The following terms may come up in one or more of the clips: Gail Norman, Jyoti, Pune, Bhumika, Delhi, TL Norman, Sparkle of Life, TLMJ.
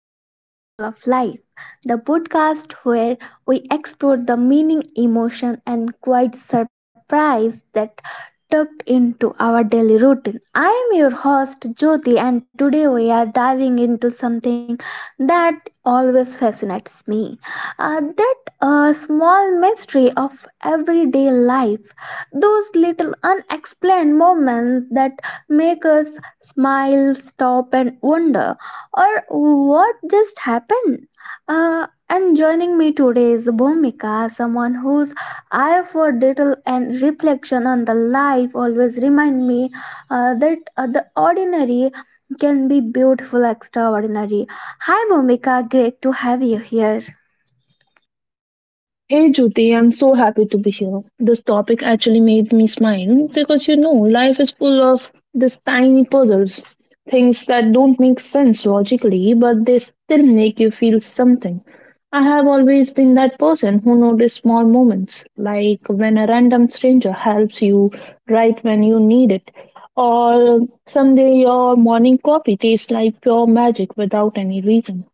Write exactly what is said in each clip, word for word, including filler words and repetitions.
back to Sparkle of Life, the podcast where we explore the meaning, emotion, and quiet surprise that tucked into our daily routine. I am your host Jyoti, and today we are diving into something that always fascinates me, uh, that uh, small mystery of everyday life, those little unexplained moments that make us smile, stop, and wonder or what just happened? Uh, and joining me today is Bhumika, someone whose eye for detail and reflection on the life always remind me uh, that uh, the ordinary can be beautiful extraordinary. Hi Bhumika, great to have you here. Hey Jyoti, I'm so happy to be here. This topic actually made me smile because you know, life is full of these tiny puzzles, things that don't make sense logically, but they still make you feel something. I have always been that person who notices small moments, like when a random stranger helps you right when you need it, or someday your morning coffee tastes like pure magic without any reason.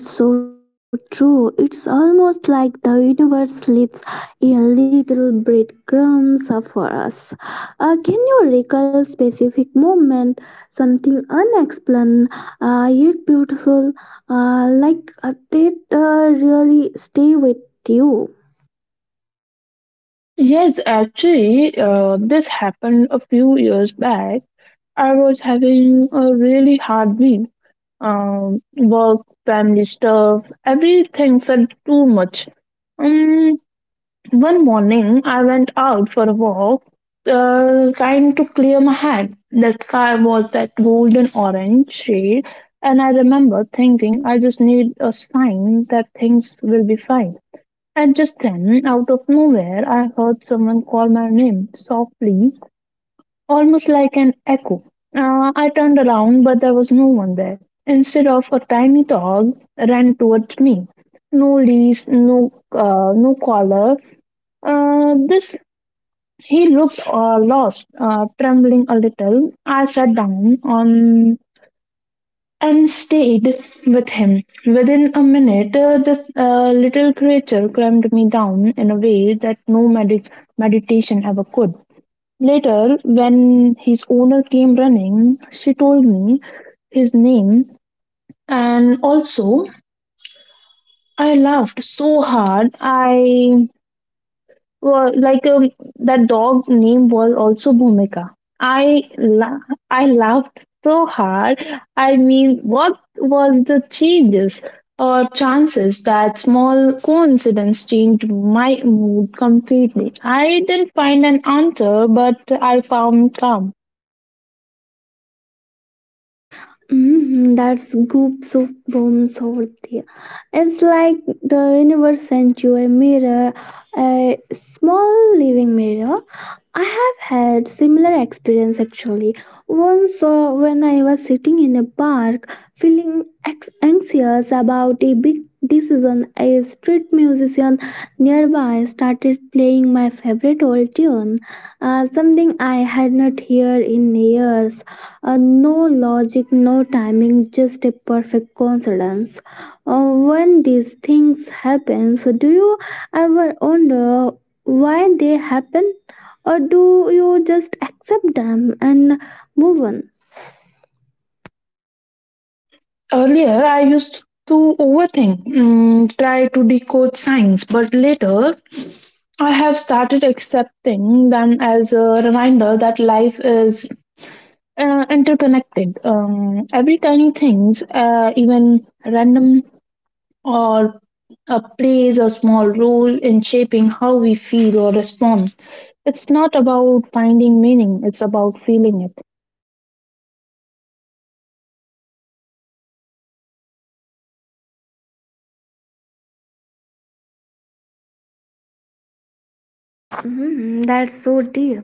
Ah, that's so true. It's almost like the universe leaves a little breadcrumbs for us. Uh, can you recall specific moment, something unexplained, uh, yet beautiful, uh, like uh, that uh, really stay with you? Yes, actually, uh, this happened a few years back. I was having a really hard week. Um, work, family stuff, everything felt too much. Um, One morning, I went out for a walk, uh, trying to clear my head. The sky was that golden orange shade, and I remember thinking I just need a sign that things will be fine. And just then, out of nowhere, I heard someone call my name softly, almost like an echo. Uh, I turned around, but there was no one there. Instead of a tiny dog, ran towards me. No leash, no, uh, no collar. Uh, this He looked uh, lost, uh, trembling a little. I sat down on and stayed with him. Within a minute, uh, this uh, little creature clamped me down in a way that no medi- meditation ever could. Later, when his owner came running, she told me his name, and also I laughed so hard. I Well, like um, that dog's name was also Bhumika. I la- I laughed so hard. I mean, what was the changes or chances that small coincidence changed my mood completely? I didn't find an answer, but I found calm. Mhm, that's goop soup bomb sortie. It's like the universe sent you a mirror, a small living mirror. I have had similar experience actually. Once, uh, when I was sitting in a park, feeling ex- anxious about a big decision, a street musician nearby started playing my favorite old tune, uh, something I had not heard in years. Uh, no logic, no timing, just a perfect coincidence. Uh, when these things happen, so do you ever wonder why they happen, or do you just accept them and move on? Earlier, I used to overthink, mm, try to decode signs, but later I have started accepting them as a reminder that life is uh, interconnected. Um, every tiny things, uh, even random or uh, plays a small role in shaping how we feel or respond. It's not about finding meaning; it's about feeling it. Hmm, that's so deep.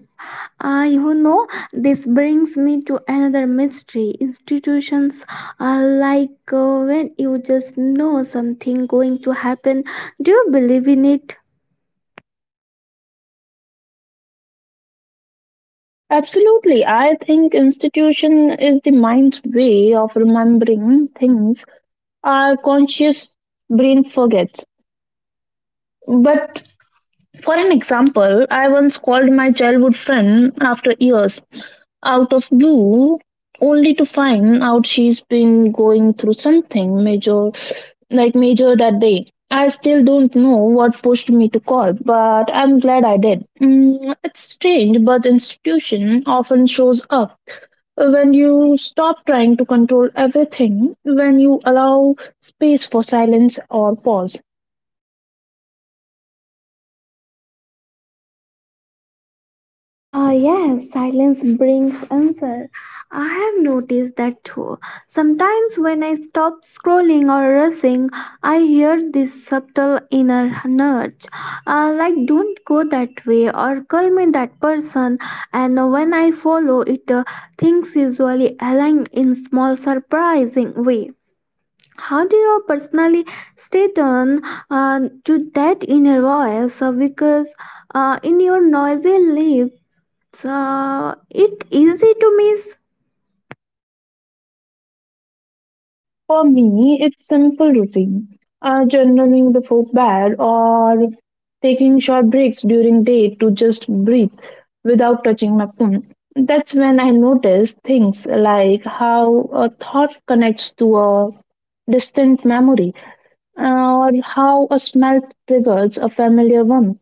Uh, you know, this brings me to another mystery. Institutions are like, uh, when you just know something going to happen. Do you believe in it? Absolutely, I think institution is the mind's way of remembering things our conscious brain forgets. But for an example, I once called my childhood friend after years out of blue only to find out she's been going through something major, like major, that day. I still don't know what pushed me to call, but I'm glad I did. Mm, it's strange, but institution often shows up when you stop trying to control everything, when you allow space for silence or pause. Ah, yes, silence brings answer. I have noticed that too. Sometimes when I stop scrolling or rushing, I hear this subtle inner nudge, uh, like don't go that way or call me that person. And when I follow it, uh, things usually align in small, surprising way. How do you personally stay tuned uh, to that inner voice? Uh, Because uh, in your noisy life, so it easy to miss. For me, it's simple routine. Uh, journaling before bed or taking short breaks during day to just breathe without touching my phone. That's when I notice things like how a thought connects to a distant memory or how a smell triggers a familiar one.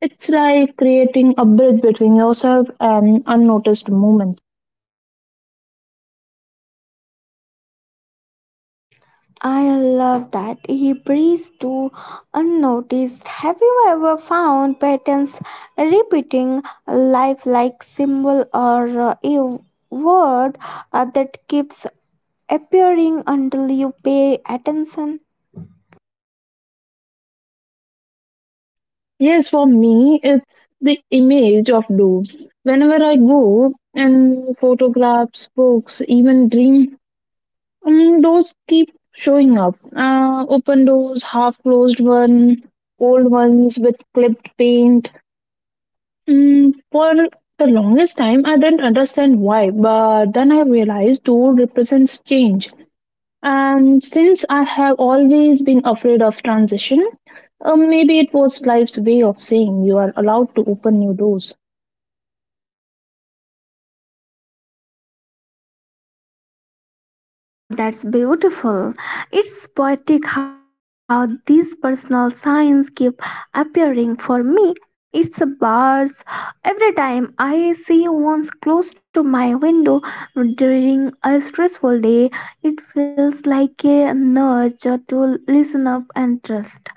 It's like creating a bridge between yourself and unnoticed moments. I love that he breathes too unnoticed. Have you ever found patterns repeating lifelike symbol or, uh, a word uh, that keeps appearing until you pay attention? Yes, for me, it's the image of doom. Whenever I go and photographs, books, even dream, um, those keep showing up. Uh, open doors, half closed one, old ones with clipped paint. Mm, for the longest time, I didn't understand why, but then I realized door represents change. And since I have always been afraid of transition, uh, maybe it was life's way of saying you are allowed to open new doors. Ah, that's beautiful. It's poetic how these personal signs keep appearing. For me, it's a bars. Every time I see ones close to my window during a stressful day, it feels like a nudge to listen up and trust.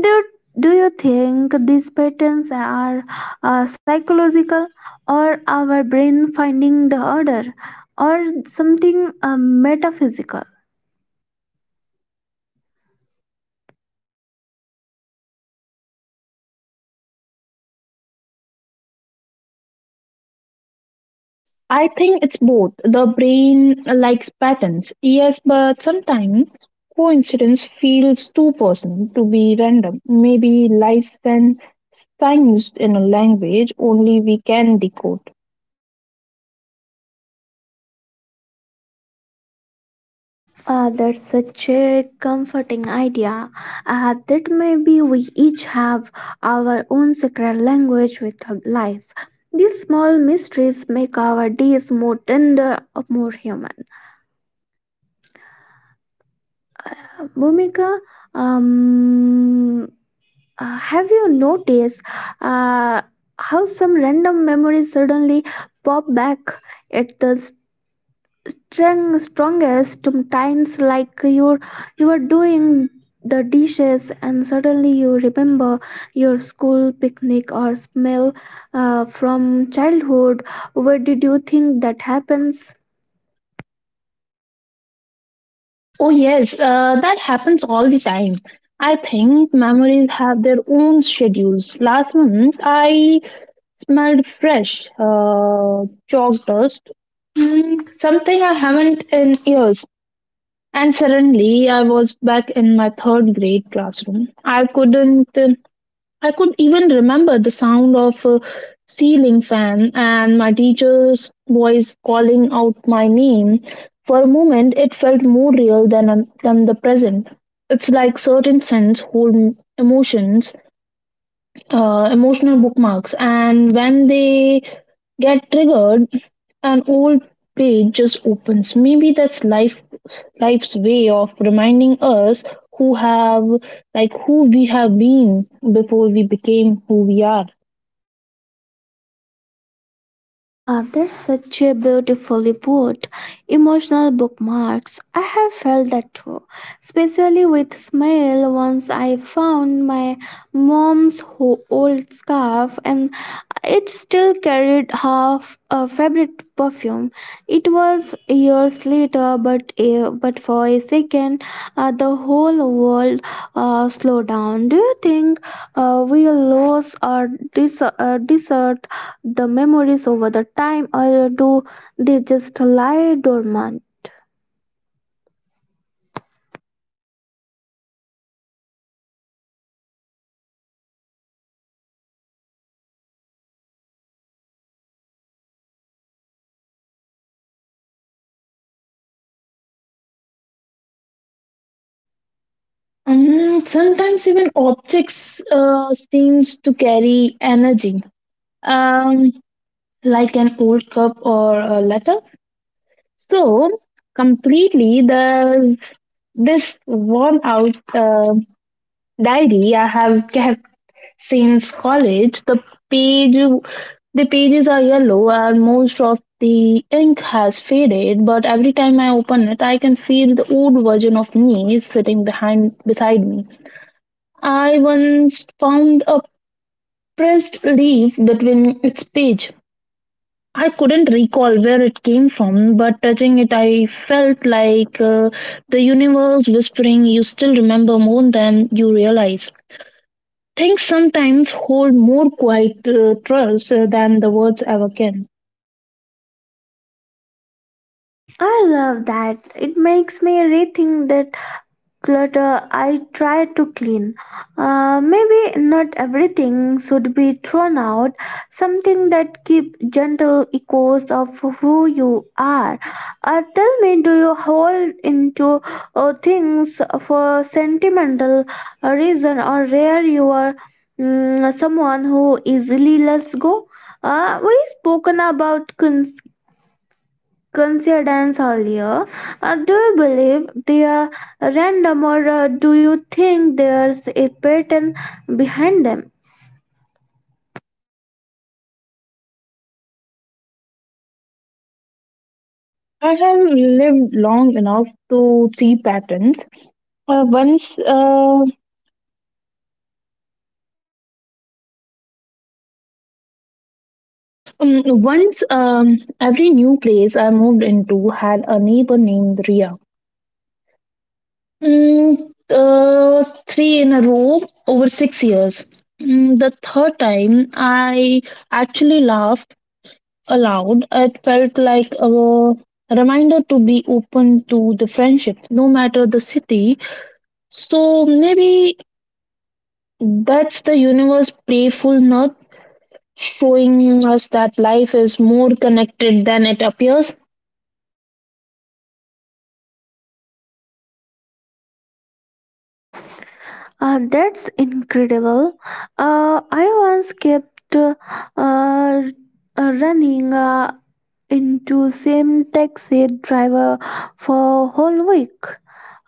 Do, do you think these patterns are, uh, psychological or our brain finding the order or something, uh, metaphysical? I think it's both. The brain likes patterns, yes, but sometimes coincidence feels too personal to be random. Maybe life sends signs in a language only we can decode. Ah, that's such a comforting idea. Ah, that maybe we each have our own secret language with life. These small mysteries make our days more tender, more human. Bhumika, um, uh, have you noticed uh, how some random memories suddenly pop back at the strong strongest times like you're you are doing the dishes and suddenly you remember your school picnic or smell uh, from childhood? Where did you think that happens? Oh, yes, uh, that happens all the time. I think memories have their own schedules. Last month, I smelled fresh, uh, chalk dust, mm, something I haven't in years. And suddenly, I was back in my third grade classroom. I couldn't, uh, I could even remember the sound of a ceiling fan and my teacher's voice calling out my name. For a moment, it felt more real than than the present. It's like certain scents hold emotions uh, emotional bookmarks, and when they get triggered an old page just opens. Maybe that's life life's way of reminding us who have like who we have been before we became who we are. Ah, that's such a beautifully put. Emotional bookmarks. I have felt that too, especially with smell. Once I found my mom's ho- old scarf, and it still carried half a favorite perfume. It was years later, but a, but for a second, uh, the whole world uh, slowed down. Do you think uh, we lose our dis- uh, dessert? The memories over the time or do they just lie dormant? Um, sometimes even objects uh, seems to carry energy, um, like an old cup or a letter. So completely the this worn out uh, diary I have kept since college. The page the pages are yellow and most of the ink has faded, but every time I open it I can feel the old version of me sitting behind beside me. I once found a pressed leaf between its page. I couldn't recall where it came from, but touching it, I felt like uh, the universe whispering, "You still remember more than you realize." Things sometimes hold more quiet uh, trust uh, than the words ever can. I love that. It makes me rethink that clutter I try to clean. Uh, maybe not everything should be thrown out. Something that keep gentle echoes of who you are. Uh, tell me, do you hold into, uh, things for sentimental, uh, reason or rare you are, mm, someone who easily lets go? Uh, we spoken about cons- coincidence earlier. Uh, do you believe they are random or, uh, do you think there's a pattern behind them? I have lived long enough to see patterns. Uh, once, uh, um, once um, every new place I moved into had a neighbor named Ria. Mm, uh, Three in a row over six years. Mm, the third time, I actually laughed aloud. It felt like a reminder to be open to the friendship, no matter the city. So maybe that's the universe playful nut showing us that life is more connected than it appears. Uh, that's incredible. Uh, I once kept, uh, uh, running, Uh, into same taxi driver for whole week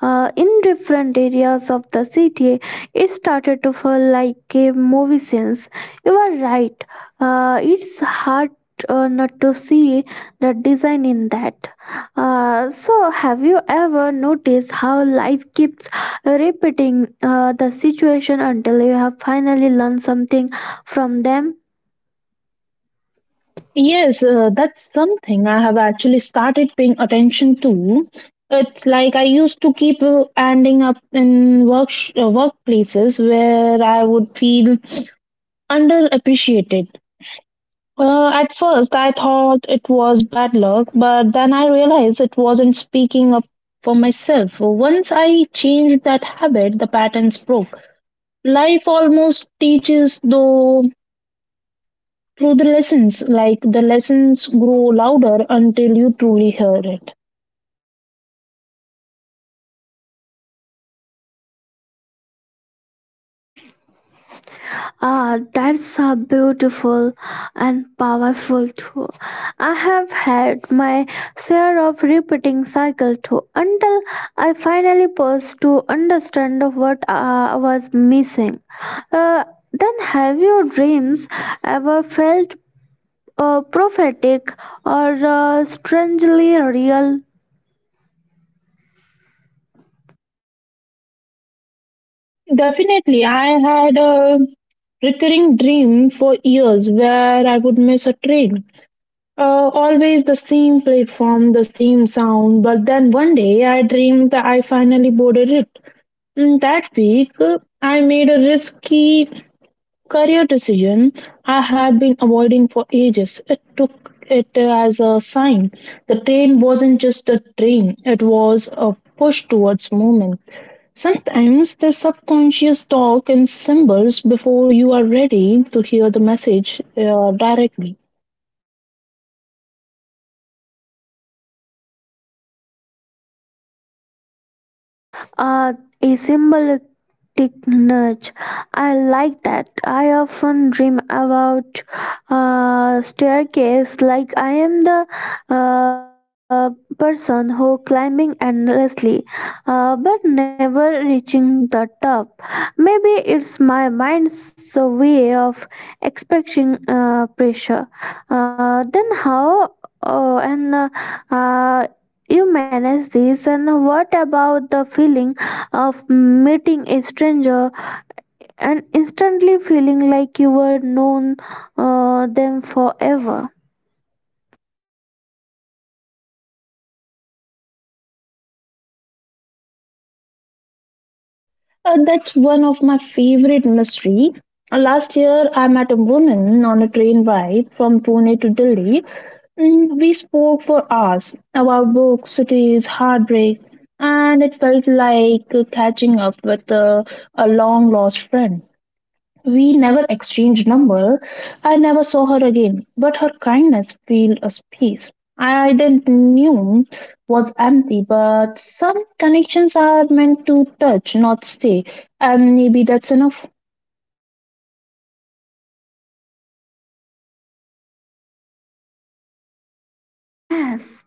uh, in different areas of the city. It started to feel like a movie scenes. You are right, uh, it's hard, uh, not to see the design in that. Uh, so have you ever noticed how life keeps repeating uh, the situation until you have finally learned something from them? Yes, uh, that's something I have actually started paying attention to. It's like I used to keep uh, ending up in work uh, workplaces where I would feel underappreciated. Uh, at first, I thought it was bad luck, but then I realized it wasn't speaking up for myself. Once I changed that habit, the patterns broke. Life almost teaches, though through the lessons, like the lessons grow louder until you truly hear it. Ah, that's a beautiful and powerful too. I have had my share of repeating cycle too until I finally paused to understand what uh, was missing. Uh, then have your dreams ever felt, uh, prophetic or, uh, strangely real? Definitely, I had a recurring dream for years where I would miss a train, uh, always the same platform, the same sound, but then one day I dreamed that I finally boarded it. Mm, that week uh, I made a risky career decision I had been avoiding for ages. It took it as a sign. The train wasn't just a train, it was a push towards movement. Sometimes the subconscious talk in symbols before you are ready to hear the message uh, directly. Uh, a symbolic nudge. I like that. I often dream about, uh, staircase like I am the, uh, person who climbing endlessly, uh, but never reaching the top. Maybe it's my mind's way of expressing uh, pressure. Uh, then how uh, and uh, uh, you manage this, and what about the feeling of meeting a stranger and instantly feeling like you were known uh, them forever. Uh, that's one of my favorite mystery. Uh, Last year, I met a woman on a train ride from Pune to Delhi. Mm, We spoke for hours about books, cities, heartbreak, and it felt like uh, catching up with uh, a long lost friend. We never exchanged number. I never saw her again, but her kindness filled a space. I didn't knew was empty, but some connections are meant to touch, not stay, and maybe that's enough. Ah, yes.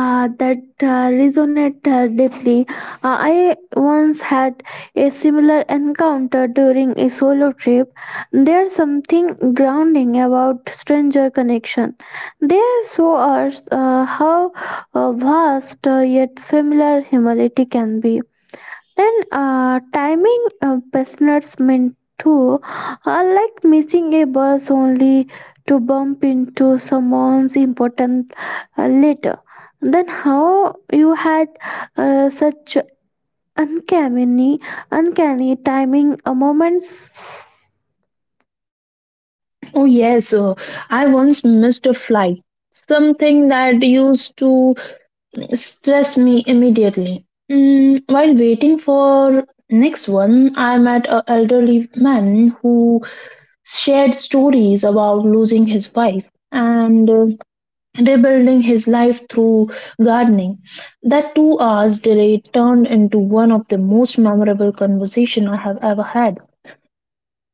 Ah, that uh, resonate, uh, deeply. Ah, I once had a similar encounter during a solo trip. There's something grounding about stranger connection. They show us uh, how uh, vast, uh, yet familiar humanity can be. Then, uh, timing, uh, business meant too, uh, like missing a bus only to bump into someone's important, uh, later. Then how you had, uh, such uncanny, uncanny timing, uh, moments? Oh yes, uh, I once missed a flight. Something that used to stress me immediately. Mm, while waiting for next one, I met an elderly man who shared stories about losing his wife and uh, rebuilding his life through gardening. That two hours delay turned into one of the most memorable conversations I have ever had.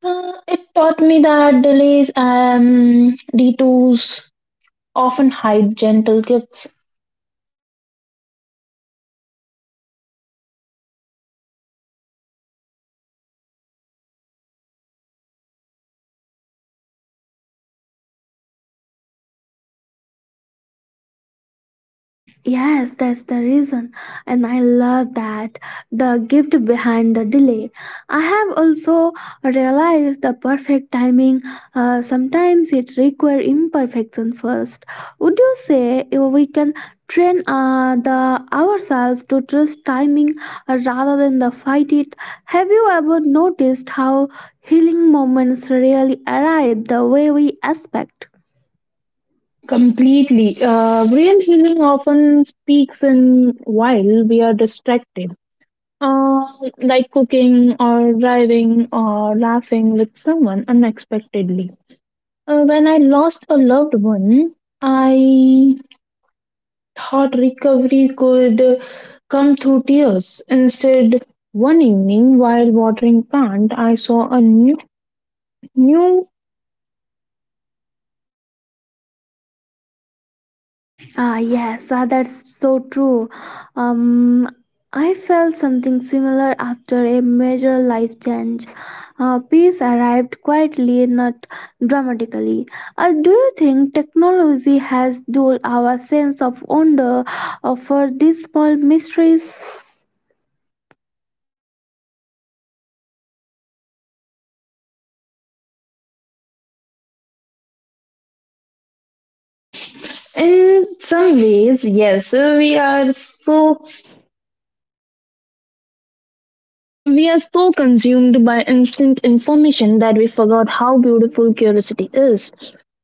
Uh, it taught me that delays and detours often hide gentle gifts. Yes, that's the reason, and I love that the gift behind the delay. I have also realized the perfect timing. Uh, sometimes it requires imperfection first. Would you say we can train uh, the ourselves to trust timing, uh, rather than the fight it? Have you ever noticed how healing moments really arrive the way we expect? Completely. Uh, real healing often speaks in while we are distracted. Uh, like cooking or driving or laughing with someone unexpectedly. Uh, when I lost a loved one, I thought recovery could come through tears. Instead, one evening while watering plant, I saw a new new. Ah, yes, ah, that's so true. Um, I felt something similar after a major life change. Uh, peace arrived quietly, not dramatically. Uh, do you think technology has dulled our sense of wonder uh, for these small mysteries? In some ways, yes, we are so we are so consumed by instant information that we forgot how beautiful curiosity is.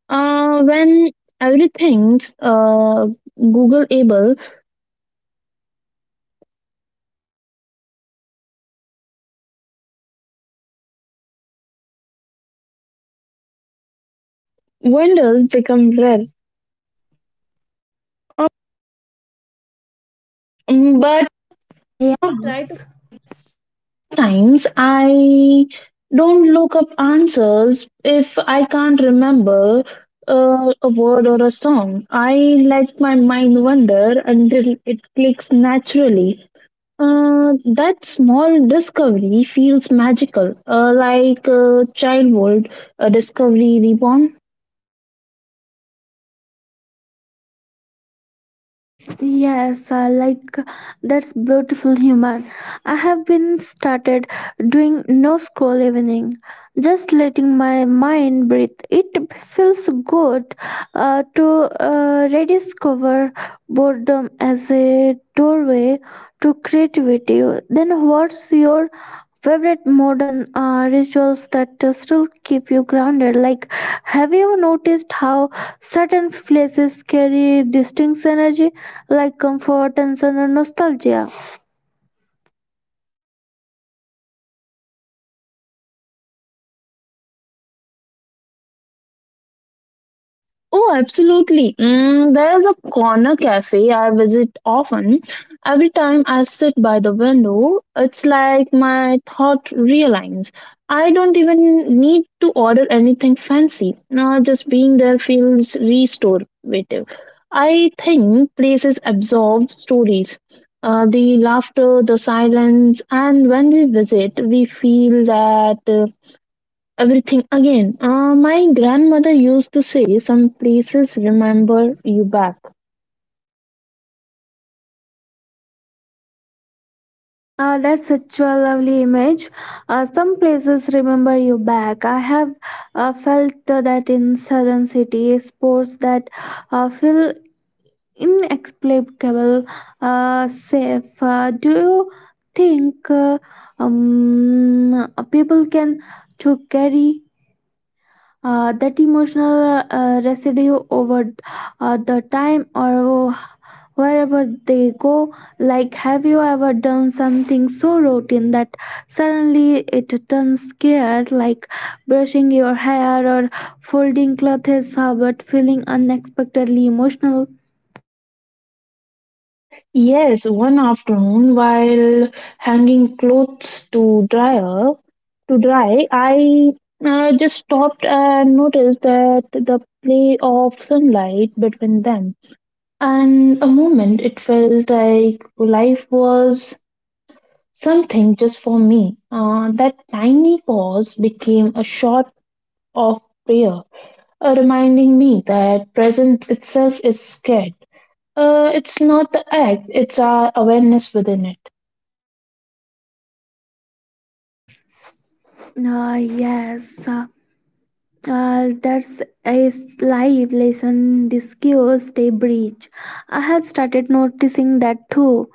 Uh, when everything's uh, Google able, wonders uh, a word or a song. I let my mind wander until it clicks naturally. Uh, that small discovery feels magical, uh, like a childhood, a discovery reborn. Yes, uh, like that's beautiful human. I have been started doing no scroll evening, just letting my mind breathe. It feels good uh, to uh, rediscover boredom as a doorway to creativity. Then what's your favorite modern, uh, rituals that uh, still keep you grounded? Like have you noticed how certain places carry distinct energy like comfort and certain nostalgia? Oh, absolutely. Mm, there is a corner cafe I visit often. Every time I sit by the window, it's like my thought realigns. I don't even need to order anything fancy. No, just being there feels restorative. I think places absorb stories. Uh, the laughter, the silence, and when we visit, we feel that uh, everything again. Uh, my grandmother used to say, "Some places remember you back." Uh, that's such a lovely image, uh, some places remember you back. I have uh, felt that in southern cities sports that uh, feel inexplicable, uh, safe. Uh, do you think, uh, um, people can to carry uh, that emotional uh, residue over uh, the time or wherever they go? Like have you ever done something so routine that suddenly it turns scared like brushing your hair or folding clothes, uh, but feeling unexpectedly emotional? Yes, one afternoon while hanging clothes to dryer, to dry, I uh, just stopped and noticed that the play of sunlight between them. And a moment it felt like life was something just for me. Uh, that tiny pause became a shot of prayer, uh, reminding me that present itself is scared. Uh, it's not the act, it's our awareness within it. Uh, yes uh, Uh, that's a s- live lesson discussed a bridge. I have started noticing that too.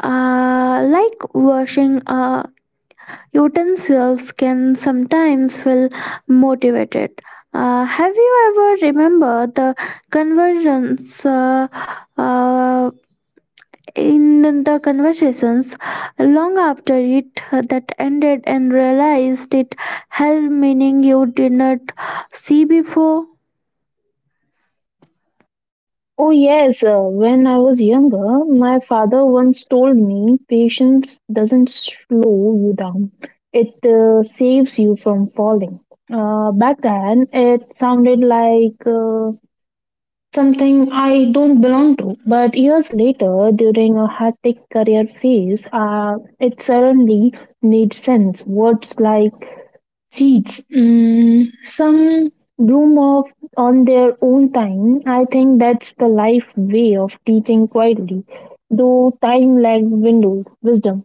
Uh, like washing uh, utensils can sometimes feel motivated. Uh, have you ever remember the conversions, uh, uh, in the conversations long after it that ended and realized it held meaning you did not see before? Oh, yes, uh, when I was younger, my father once told me patience doesn't slow you down, it uh, saves you from falling. Uh, back then, it sounded like uh, something I don't belong to, but years later, during a hectic career phase, uh, it suddenly made sense. Words like seeds. Mm, some bloom of on their own time. I think that's the life way of teaching quietly, though time lagged window wisdom.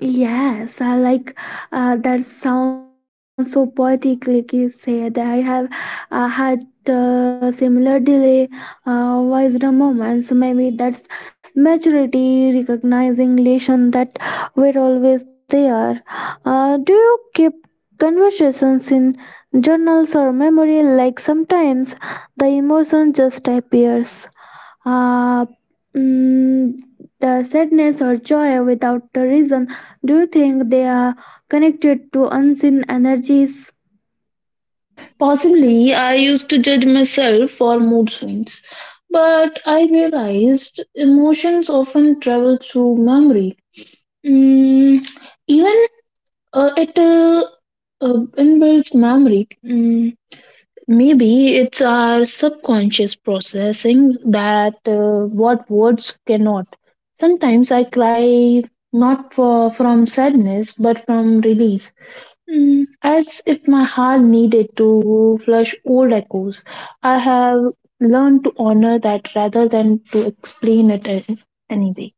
Yes, I like, uh, that sounds so poetically said. I have uh, had uh, similar delay uh, wisdom moments. Maybe that's maturity, recognizing lessons that were always there. Uh, do you keep conversations in journals or memory? Like sometimes the emotion just appears, uh, mm, the sadness or joy without a reason. Do you think they are connected to unseen energies? Possibly, I used to judge myself for mood swings, but I realized emotions often travel through memory. Mm, Even uh, it uh, uh, inbuilt memory. Mm, Maybe it's our subconscious processing that uh, what words cannot. Sometimes I cry not for, from sadness but from release, Mm, as if my heart needed to flush old echoes. I have learned to honor that rather than to explain it a- anyway.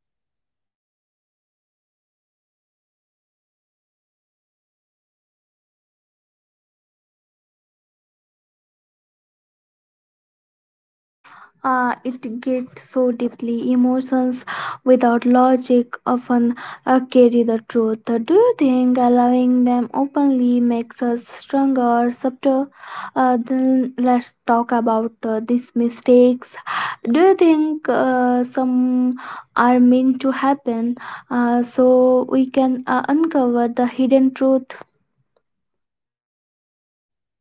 Uh, it gets so deeply. Emotions without logic often uh, carry the truth. Do you think allowing them openly makes us stronger, subtle? Uh, then let's talk about uh, these mistakes. Do you think uh, some are meant to happen uh, so we can uh, uncover the hidden truth?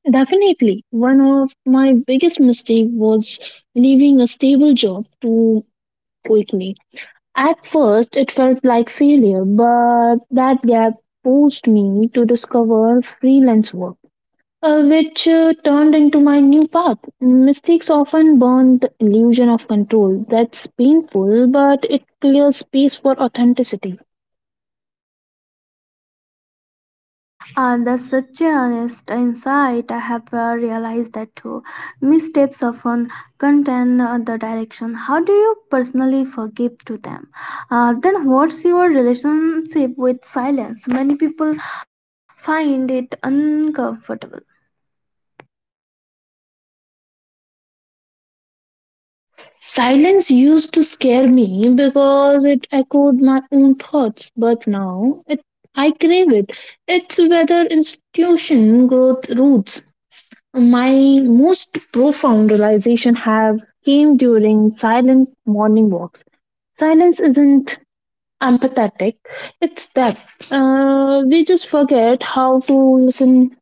Definitely, one of my biggest mistakes was leaving a stable job too quickly. At first, it felt like failure, but that gap forced me to discover freelance work, uh, which uh, turned into my new path. Mistakes often burn the illusion of control. That's painful, but it clears space for authenticity. Uh, that's such an honest insight. I have uh, realized that too. Missteps often contain uh, the direction. How do you personally forgive to them? Uh, then what's your relationship with silence? Many people find it uncomfortable. Silence used to scare me because it echoed my own thoughts, but now it I crave it. It's whether institution growth roots. My most profound realization have came during silent morning walks. Silence isn't empathetic; it's that uh, we just forget how to listen.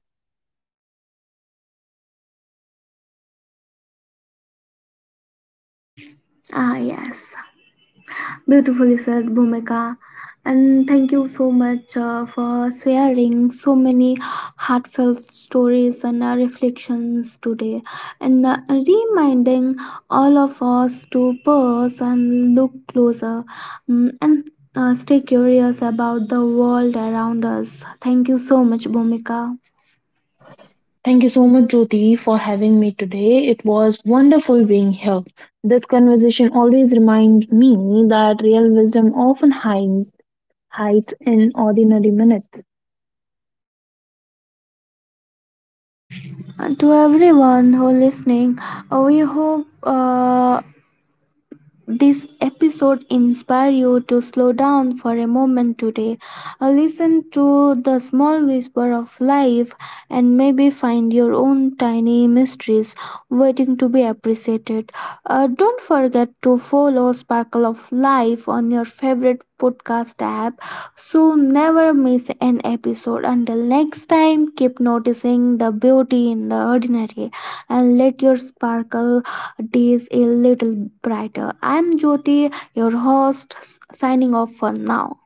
Ah, yes. Beautifully said, Bhumika. And thank you so much uh, for sharing so many heartfelt stories and uh, reflections today, and uh, reminding all of us to pause and look closer, mm, and uh, stay curious about the world around us. Thank you so much, Bhumika. Thank you so much, Jyoti, for having me today. It was wonderful being here. This conversation always reminds me that real wisdom often hides hides in ordinary minutes. Uh, to everyone who listening, uh, we hope Uh, this episode inspire you to slow down for a moment today. Uh, listen to the small whisper of life, and maybe find your own tiny mysteries waiting to be appreciated. Uh, don't forget to follow Sparkle of Life on your favorite podcast app so never miss an episode. Until next time, keep noticing the beauty in the ordinary and let your sparkle days a little brighter. I'm Jyoti, your host, s- signing off for now.